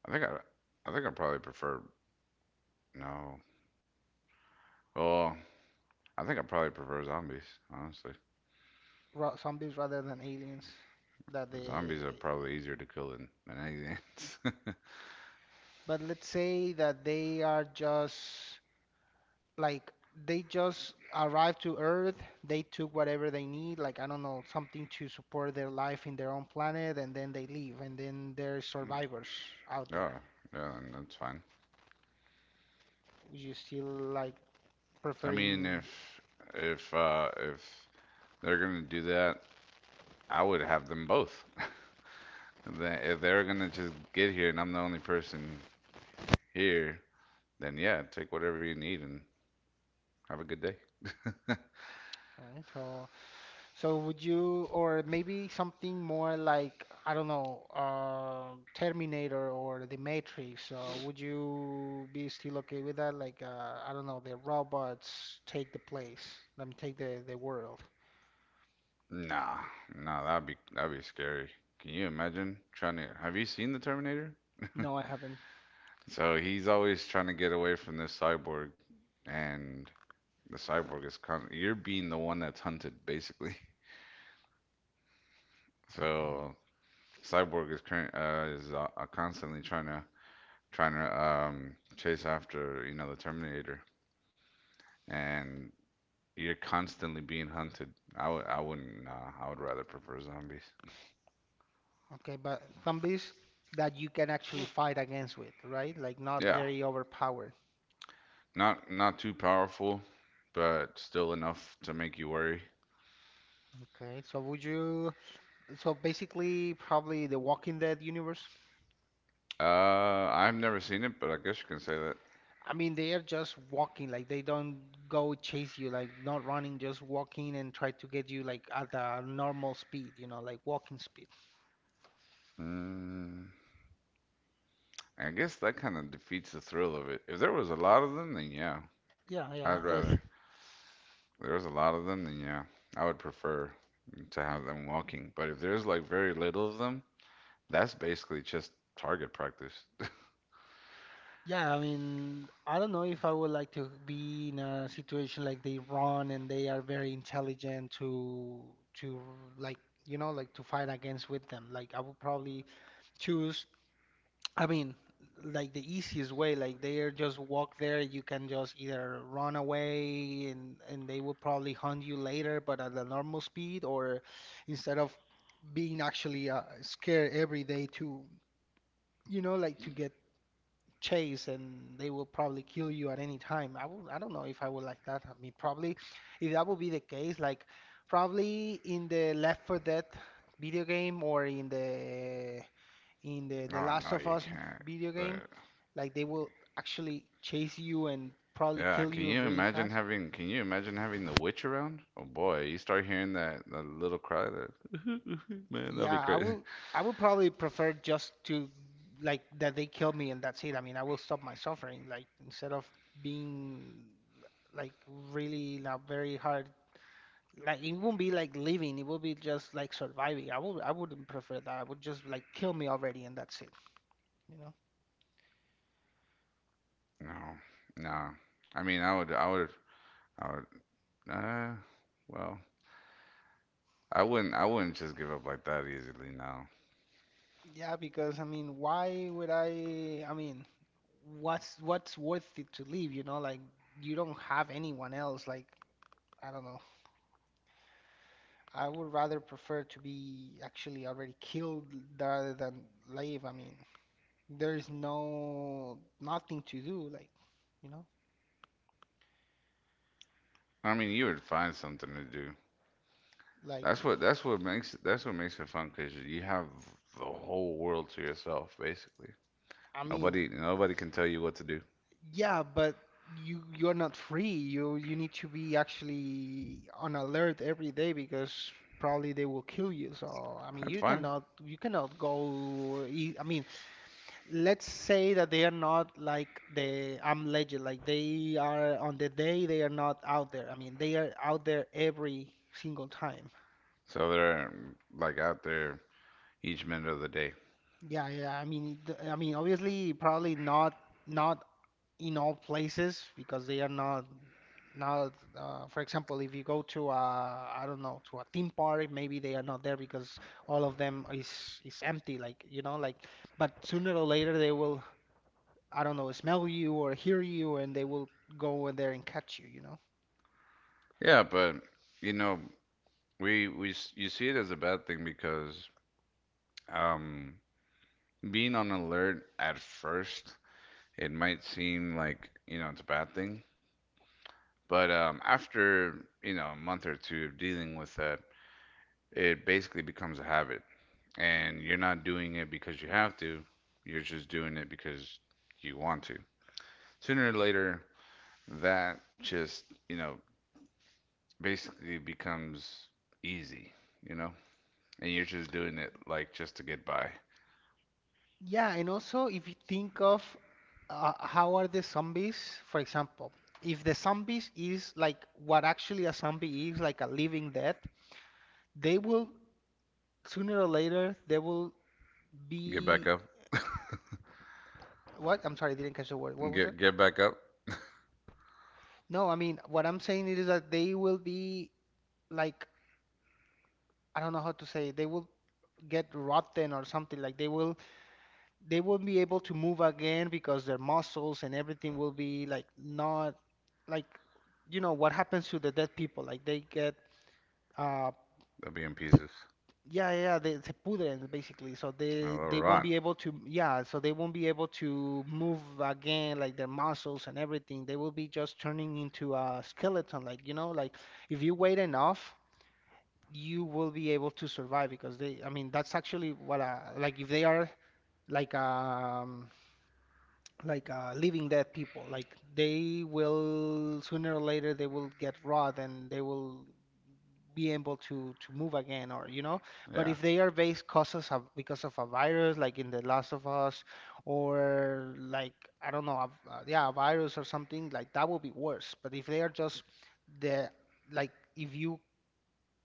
Speaker 2: I think I, I think I probably prefer no. Well, I think I probably prefer zombies, honestly.
Speaker 1: Ra zombies rather than aliens? That
Speaker 2: The zombies are
Speaker 1: they,
Speaker 2: probably easier to kill than anything. Else.
Speaker 1: but let's say that they are just like they just arrived to Earth, they took whatever they need, like I don't know, something to support their life in their own planet, and then they leave, and then there's survivors out there.
Speaker 2: Oh, yeah, then that's fine.
Speaker 1: Would you still like
Speaker 2: I mean,
Speaker 1: preferring?
Speaker 2: if they're gonna do that, I would have them both. Then if they're gonna just get here and I'm the only person here, then yeah, take whatever you need and have a good day.
Speaker 1: Okay, so so would you, or maybe something more like I don't know, Terminator or The Matrix? Would you be still okay with that? Like I don't know, the robots take the place, let me take the world.
Speaker 2: Nah, nah, that'd be scary. Can you imagine trying to? Have you seen the Terminator?
Speaker 1: No, I haven't.
Speaker 2: So he's always trying to get away from this cyborg, and the cyborg is you're being the one that's hunted basically.
Speaker 1: Okay.
Speaker 2: So cyborg is constantly trying to chase after you know the Terminator, and you're constantly being hunted. I wouldn't I would rather prefer zombies.
Speaker 1: Okay, but zombies that you can actually fight against with, right? Like not
Speaker 2: Yeah,
Speaker 1: very overpowered.
Speaker 2: not not too powerful, but still enough to make you worry.
Speaker 1: Okay. So would you, so basically probably the Walking Dead universe?
Speaker 2: Uh, I've never seen it, but I guess you can say that.
Speaker 1: I mean, they are just walking, like they don't go chase you, like not running, just walking and try to get you like at a normal speed, you know, like walking speed.
Speaker 2: Mm. I guess that kind of defeats the thrill of it. If there was a lot of them, then yeah,
Speaker 1: Yeah,
Speaker 2: I'd
Speaker 1: yeah. it's
Speaker 2: rather. If there was a lot of them, then yeah, I would prefer to have them walking. But if there's like very little of them, that's basically just target practice.
Speaker 1: Yeah, I mean, I don't know if I would like to be in a situation like they run and they are very intelligent to like, you know, like to fight against with them. Like I would probably choose. I mean, like the easiest way. Like they are just walk there. You can just either run away and they will probably hunt you later, but at a normal speed, or instead of being actually scared every day to you know like to get chase and they will probably kill you at any time. I will, I don't know if I would like that. I mean, probably if that would be the case, like probably in the Left 4 Dead video game or in the
Speaker 2: Oh
Speaker 1: Last
Speaker 2: no,
Speaker 1: of
Speaker 2: you
Speaker 1: Us
Speaker 2: can't.
Speaker 1: video game,
Speaker 2: The-
Speaker 1: like they will actually chase you and probably
Speaker 2: yeah,
Speaker 1: kill
Speaker 2: can
Speaker 1: you
Speaker 2: you
Speaker 1: really
Speaker 2: imagine
Speaker 1: fast.
Speaker 2: having? Can you imagine having the witch around? Oh boy, you start hearing that that little cry. That man, that'd
Speaker 1: Yeah,
Speaker 2: be crazy.
Speaker 1: I would probably prefer just to, like, that they kill me and that's it. I mean, I will stop my suffering, like, instead of being, like, really not very hard, like, it won't be like living, it will be just like surviving. I wouldn't prefer that. I would just like kill me already and that's it, you know?
Speaker 2: No, no. I mean, I would, I would, I would. Well, I wouldn't just give up like that easily now.
Speaker 1: Yeah, because I mean, why would I? I mean, what's worth it to live, you know? Like you don't have anyone else. Like, I don't know. I would rather prefer to be actually already killed rather than live. I mean, there's no nothing to do, like, you know?
Speaker 2: I mean, you would find something to do.
Speaker 1: Like,
Speaker 2: That's what makes it fun because you have the whole world to yourself basically.
Speaker 1: I mean.
Speaker 2: Nobody can tell you what to do.
Speaker 1: Yeah, but you're not free. You need to be actually on alert every day because probably they will kill you. So I mean,
Speaker 2: That's
Speaker 1: you
Speaker 2: fine.
Speaker 1: cannot you cannot go. I mean, let's say that they are not like the I'm Legend. Like, they are on the day they are not out there. I mean, they are out there every single time.
Speaker 2: So they're like out there each minute of the day.
Speaker 1: Yeah, yeah. I mean, I mean, obviously, probably not in all places because they are not for example, if you go to a, I don't know, to a theme park, maybe they are not there because all of them is empty, like, you know, like, but sooner or later they will, I don't know, smell you or hear you, and they will go over there and catch you, you know.
Speaker 2: Yeah, but you know, you see it as a bad thing because um being on alert at first, it might seem like, you know, it's a bad thing. But after, you know, a month or two of dealing with that, it basically becomes a habit. And you're not doing it because you have to, you're just doing it because you want to. Sooner or later, that just, you know, basically becomes easy, you know? And you're just doing it like just to get by.
Speaker 1: Yeah, and also if you think of, how are the zombies, for example. If the zombies is like what actually a zombie is, like a living death, they will, sooner or later they will
Speaker 2: Get back
Speaker 1: be.
Speaker 2: up.
Speaker 1: What? I'm sorry, I didn't catch the word. What was it?
Speaker 2: Get back up.
Speaker 1: No, I mean, what I'm saying is that they will be, like, I don't know how to say it. They will get rotten or something. Like, they won't be able to move again because their muscles and everything will be like not, like, you know what happens to the dead people. Like they get uh
Speaker 2: They'll be in pieces.
Speaker 1: Yeah, yeah, yeah, they se pudren basically, so
Speaker 2: A
Speaker 1: they
Speaker 2: little
Speaker 1: they won't
Speaker 2: rot.
Speaker 1: be able to, yeah, so they won't be able to move again, like, their muscles and everything. They will be just turning into a skeleton, like, you know, like, if you wait enough, you will be able to survive because they, I mean, that's actually what like if they are, like um like living dead people, like they will, sooner or later they will get rot and they will be able to move again, or you know. But
Speaker 2: Yeah.
Speaker 1: if they are based causes of because of a virus like in the Last of Us, or like, I don't know, a, yeah, a virus or something like that would be worse. But if they are just the like,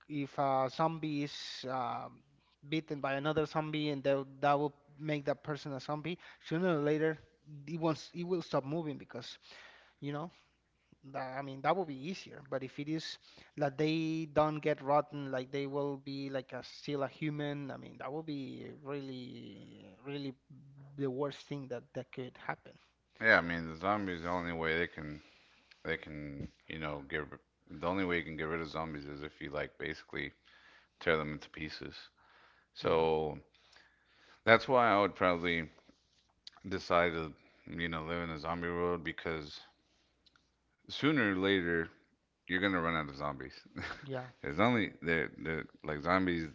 Speaker 1: if a zombie is bitten by another zombie, and that will make that person a zombie, sooner or later it will stop moving because, you know, that, I mean, that would be easier. But if it is that they don't get rotten, like they will be like a still a human, I mean, that would be really, really the worst thing that could happen.
Speaker 2: Yeah, I mean, the zombies, the only way they can They can, you know, get the only way you can get rid of zombies is if you like basically tear them into pieces.
Speaker 1: Yeah,
Speaker 2: So that's why I would probably decide to, you know, live in a zombie world because sooner or later you're gonna run out of zombies.
Speaker 1: yeah,
Speaker 2: There's only there there like zombies.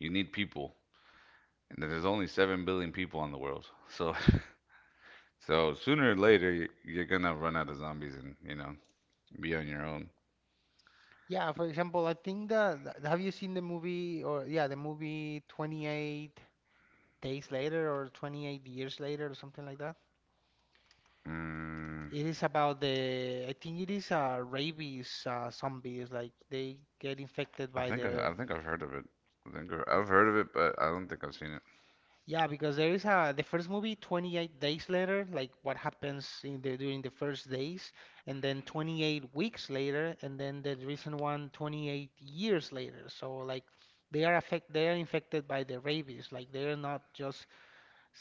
Speaker 2: You need people, and there's only 7 billion people on the world. So so sooner or later you- are gonna run out of zombies and you know be on your own.
Speaker 1: yeah. For example, I think have you seen the movie, or, yeah, the movie 28 Days Later or 28 Years Later, or something like that?
Speaker 2: Mm,
Speaker 1: It is about the, I think it is, rabies, zombies, like they get infected by their.
Speaker 2: I think I've heard of it. I think I- I've heard of it, but I don't think I've seen it.
Speaker 1: Yeah, because there is a the first movie, 28 Days Later, like what happens in the during the first days, and then 28 Weeks Later, and then the recent one, 28 Years Later. So, like, they are infected by the rabies. Like, they are not just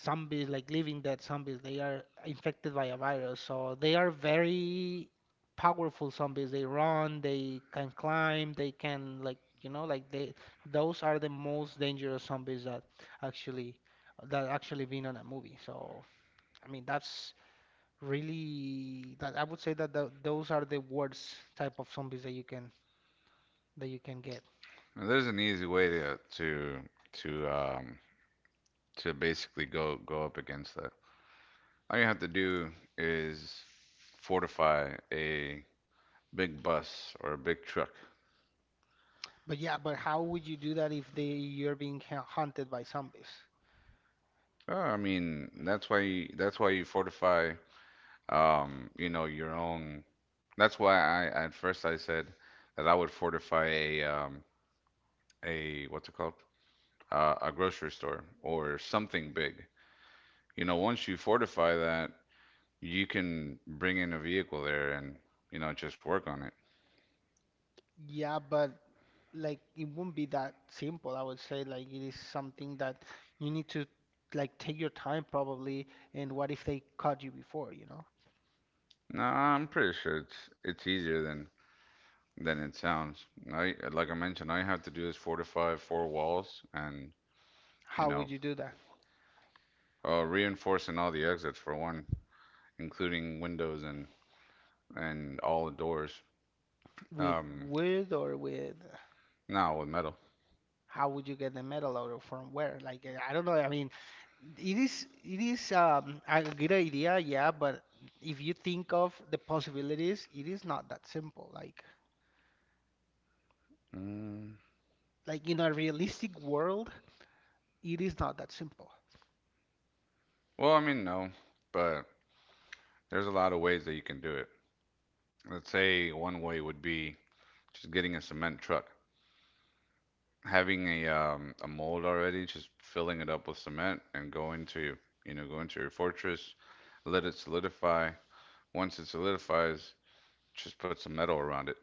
Speaker 1: zombies, like living dead zombies, they are infected by a virus. So they are very powerful zombies. They run, they can climb, they can, like, you know, like, they those are the most dangerous zombies that actually, been on a movie. So, I mean, that's really, that I would say that the those are the worst type of zombies that you can get.
Speaker 2: And there's an easy way to um to basically go go up against that. All you have to do is fortify a big bus or a big truck.
Speaker 1: But, yeah, but how would you do that if they you're being hunted by zombies?
Speaker 2: I mean, that's why you fortify you know your own. That's why I at first I said that I would fortify a what's it called? A grocery store or something big. You know, once you fortify that, you can bring in a vehicle there and, you know, just work on it.
Speaker 1: Yeah, but, like, it won't be that simple. I would say, like, it is something that you need to, like, take your time, probably. And what if they caught you before, you know?
Speaker 2: No, I'm pretty sure it's easier than it sounds. I like I mentioned, all you have to do is fortify four walls and, you
Speaker 1: How would
Speaker 2: know,
Speaker 1: you do that?
Speaker 2: reinforcing all the exits for one, including windows and all the doors.
Speaker 1: With
Speaker 2: Um,
Speaker 1: wood, or with?
Speaker 2: no, with metal.
Speaker 1: How would you get the metal out, or from where? Like, I don't know. I mean, it is a good idea, yeah, but, if you think of the possibilities, it is not that simple. Like,
Speaker 2: Mm,
Speaker 1: in a realistic world, it is not that simple.
Speaker 2: well, I mean, no, but there's a lot of ways that you can do it. Let's say one way would be just getting a cement truck having a mold already, just filling it up with cement and going to you know go into your fortress, let it solidify. Once it solidifies, just put some metal around it.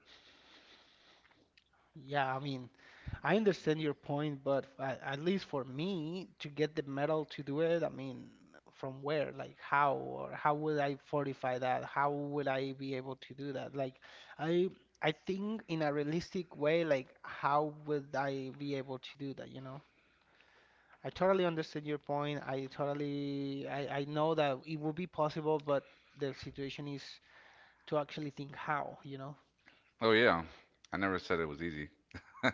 Speaker 1: Yeah, I mean, I understand your point, but, at least for me to get the metal to do it, I mean, from where? Like, how? Or how would I fortify that? How would I be able to do that? Like, I I think, in a realistic way, like, how would I be able to do that, you know? I totally understand your point. I totally. I know that it would be possible, but the situation is to actually think how, you know?
Speaker 2: Oh yeah, I never said it was easy.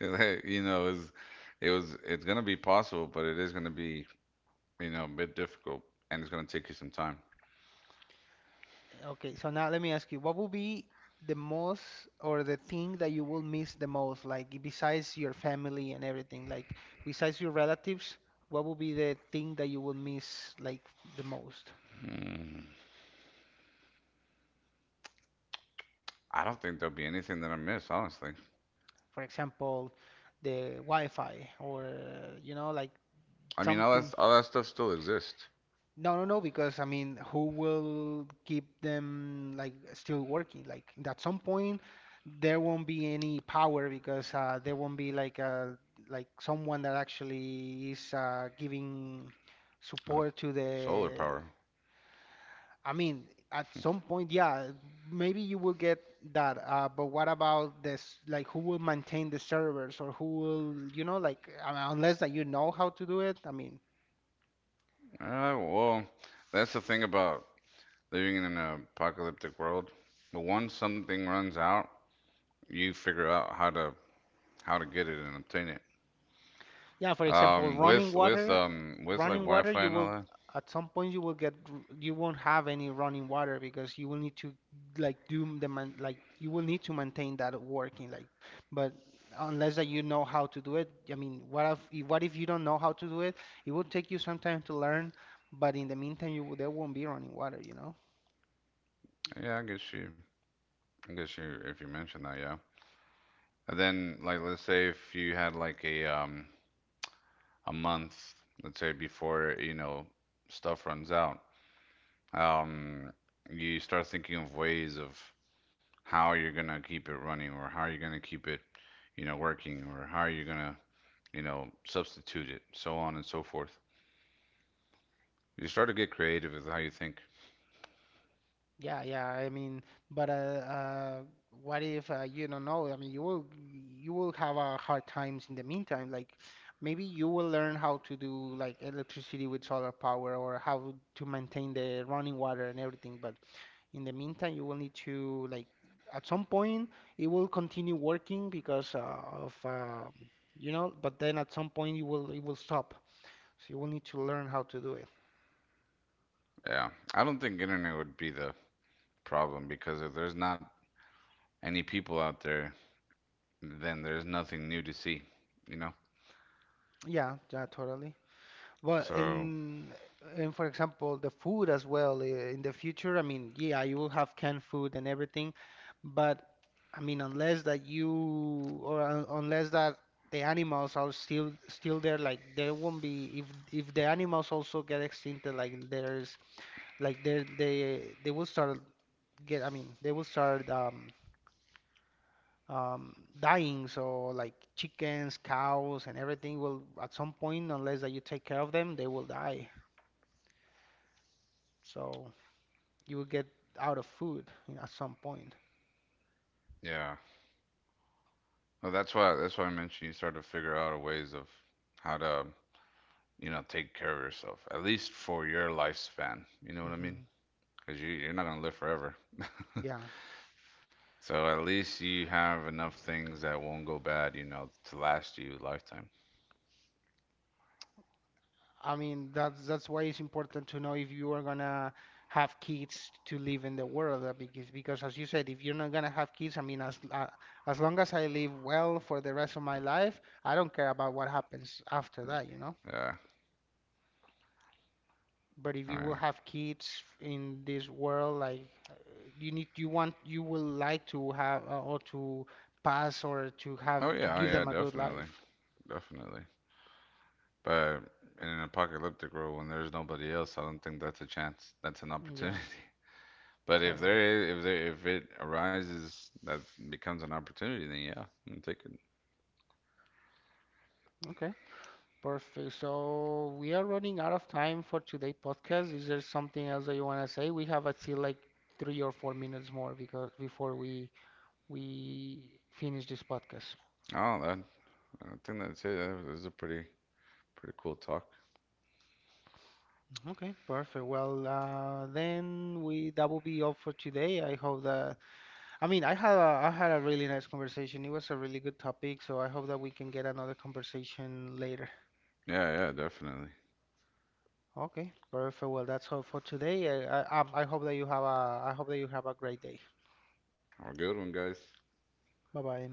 Speaker 2: You know, it's gonna be possible, but it is gonna be you know a bit difficult, and it's gonna take you some time.
Speaker 1: Okay, so now let me ask you, what would be the most, or the thing that you will miss the most, like, besides your family and everything, like besides your relatives, what would be the thing that you will miss, like, the most?
Speaker 2: Hmm. I don't think there'll be anything that I miss, honestly.
Speaker 1: For example, the Wi-Fi, or, you know, like,
Speaker 2: I mean, all
Speaker 1: something.
Speaker 2: that all that stuff still exists.
Speaker 1: No, no, no, because I mean, who will keep them, like, still working? Like, at some point, there won't be any power because, there won't be, like, a like someone that actually is, giving
Speaker 2: Uh,
Speaker 1: support to
Speaker 2: Solar
Speaker 1: the.
Speaker 2: power.
Speaker 1: I mean, at some point, yeah, maybe you will get that. But what about this? Like, who will maintain the servers, or who will, you know, like, I mean, unless that you know how to do it. I mean.
Speaker 2: Well, that's the thing about living in an apocalyptic world. But once something runs out, you figure out how to get it and obtain it.
Speaker 1: Yeah, for example,
Speaker 2: With like
Speaker 1: running water,
Speaker 2: Wi-Fi
Speaker 1: you
Speaker 2: and all
Speaker 1: will
Speaker 2: that.
Speaker 1: at some point you will you won't have any running water because you will need to, like, do the man like you will need to maintain that working, like, but unless that you know how to do it. I mean, what if you don't know how to do it? It will take you some time to learn, but in the meantime, there won't be running water, you know?
Speaker 2: Yeah, I guess you if you mention that, yeah. And then like let's say if you had like a month, let's say before you know stuff runs out, um, you start thinking of ways of how you're gonna keep it running or how you're gonna keep it, you know, working or how you're gonna, you know, substitute it, so on and so forth. You start to get creative with how you think.
Speaker 1: Yeah, yeah. I mean, but, what if, you don't know? I mean, you will have, hard times in the meantime. Like, maybe you will learn how to do, like, electricity with solar power, or how to maintain the running water and everything. But in the meantime, you will need to, like, at some point it will continue working because, of, you know. But then at some point you will it will stop. So you will need to learn how to do it.
Speaker 2: Yeah, I don't think internet would be the problem because if there's not any people out there, then there's nothing new to see, you know?
Speaker 1: Yeah, yeah, totally. Well,
Speaker 2: So,
Speaker 1: in and for example, the food as well. In the future, I mean, yeah, you will have canned food and everything, but, I mean, unless that you or un- unless that the animals are still there, like, there won't be, if the animals also get extincted, like, there's, like, they will start get. I mean, they will start dying. So, like, chickens, cows, and everything will, at some point, unless that you take care of them, they will die. So you will get out of food at some point.
Speaker 2: yeah. Well, that's why I mentioned you start to figure out ways of how to, you know, take care of yourself, at least for your lifespan. You know what I mean?
Speaker 1: Hmm.
Speaker 2: Because you, you're not gonna live forever.
Speaker 1: Yeah.
Speaker 2: So at least you have enough things that won't go bad, you know, to last you a lifetime.
Speaker 1: I mean, that's why it's important to know if you are gonna have kids to live in the world, because as you said, if you're not gonna have kids, I mean, as long as I live well for the rest of my life, I don't care about what happens after that, you know?
Speaker 2: Yeah.
Speaker 1: But if
Speaker 2: Oh
Speaker 1: you will
Speaker 2: yeah.
Speaker 1: have kids in this world, like, you need, you want, you will like to have, or to pass, or to have
Speaker 2: Oh
Speaker 1: to
Speaker 2: yeah. Oh
Speaker 1: give
Speaker 2: yeah.
Speaker 1: them a good
Speaker 2: Definitely.
Speaker 1: life.
Speaker 2: Definitely. But in an apocalyptic world, when there's nobody else, I don't think that's a chance. That's an
Speaker 1: Yeah.
Speaker 2: opportunity. But if
Speaker 1: Totally.
Speaker 2: there is, if there, if it arises, that becomes an opportunity. Then yeah, I'm taking.
Speaker 1: Okay. Perfect. So we are running out of time for today podcast. Is there something else that you want to say? We have still like 3 or 4 minutes more because before we finish this podcast.
Speaker 2: Oh, that. I think that's it. That was a pretty, pretty cool talk.
Speaker 1: Okay, perfect. Well, then we that will be all for today. I hope that, I mean, I had a really nice conversation. It was a really good topic, so I hope that we can get another conversation later.
Speaker 2: Yeah. Yeah. Definitely.
Speaker 1: Okay, perfect. Well, that's all for today. I hope that you have a great day.
Speaker 2: Have a good one, guys.
Speaker 1: Bye bye.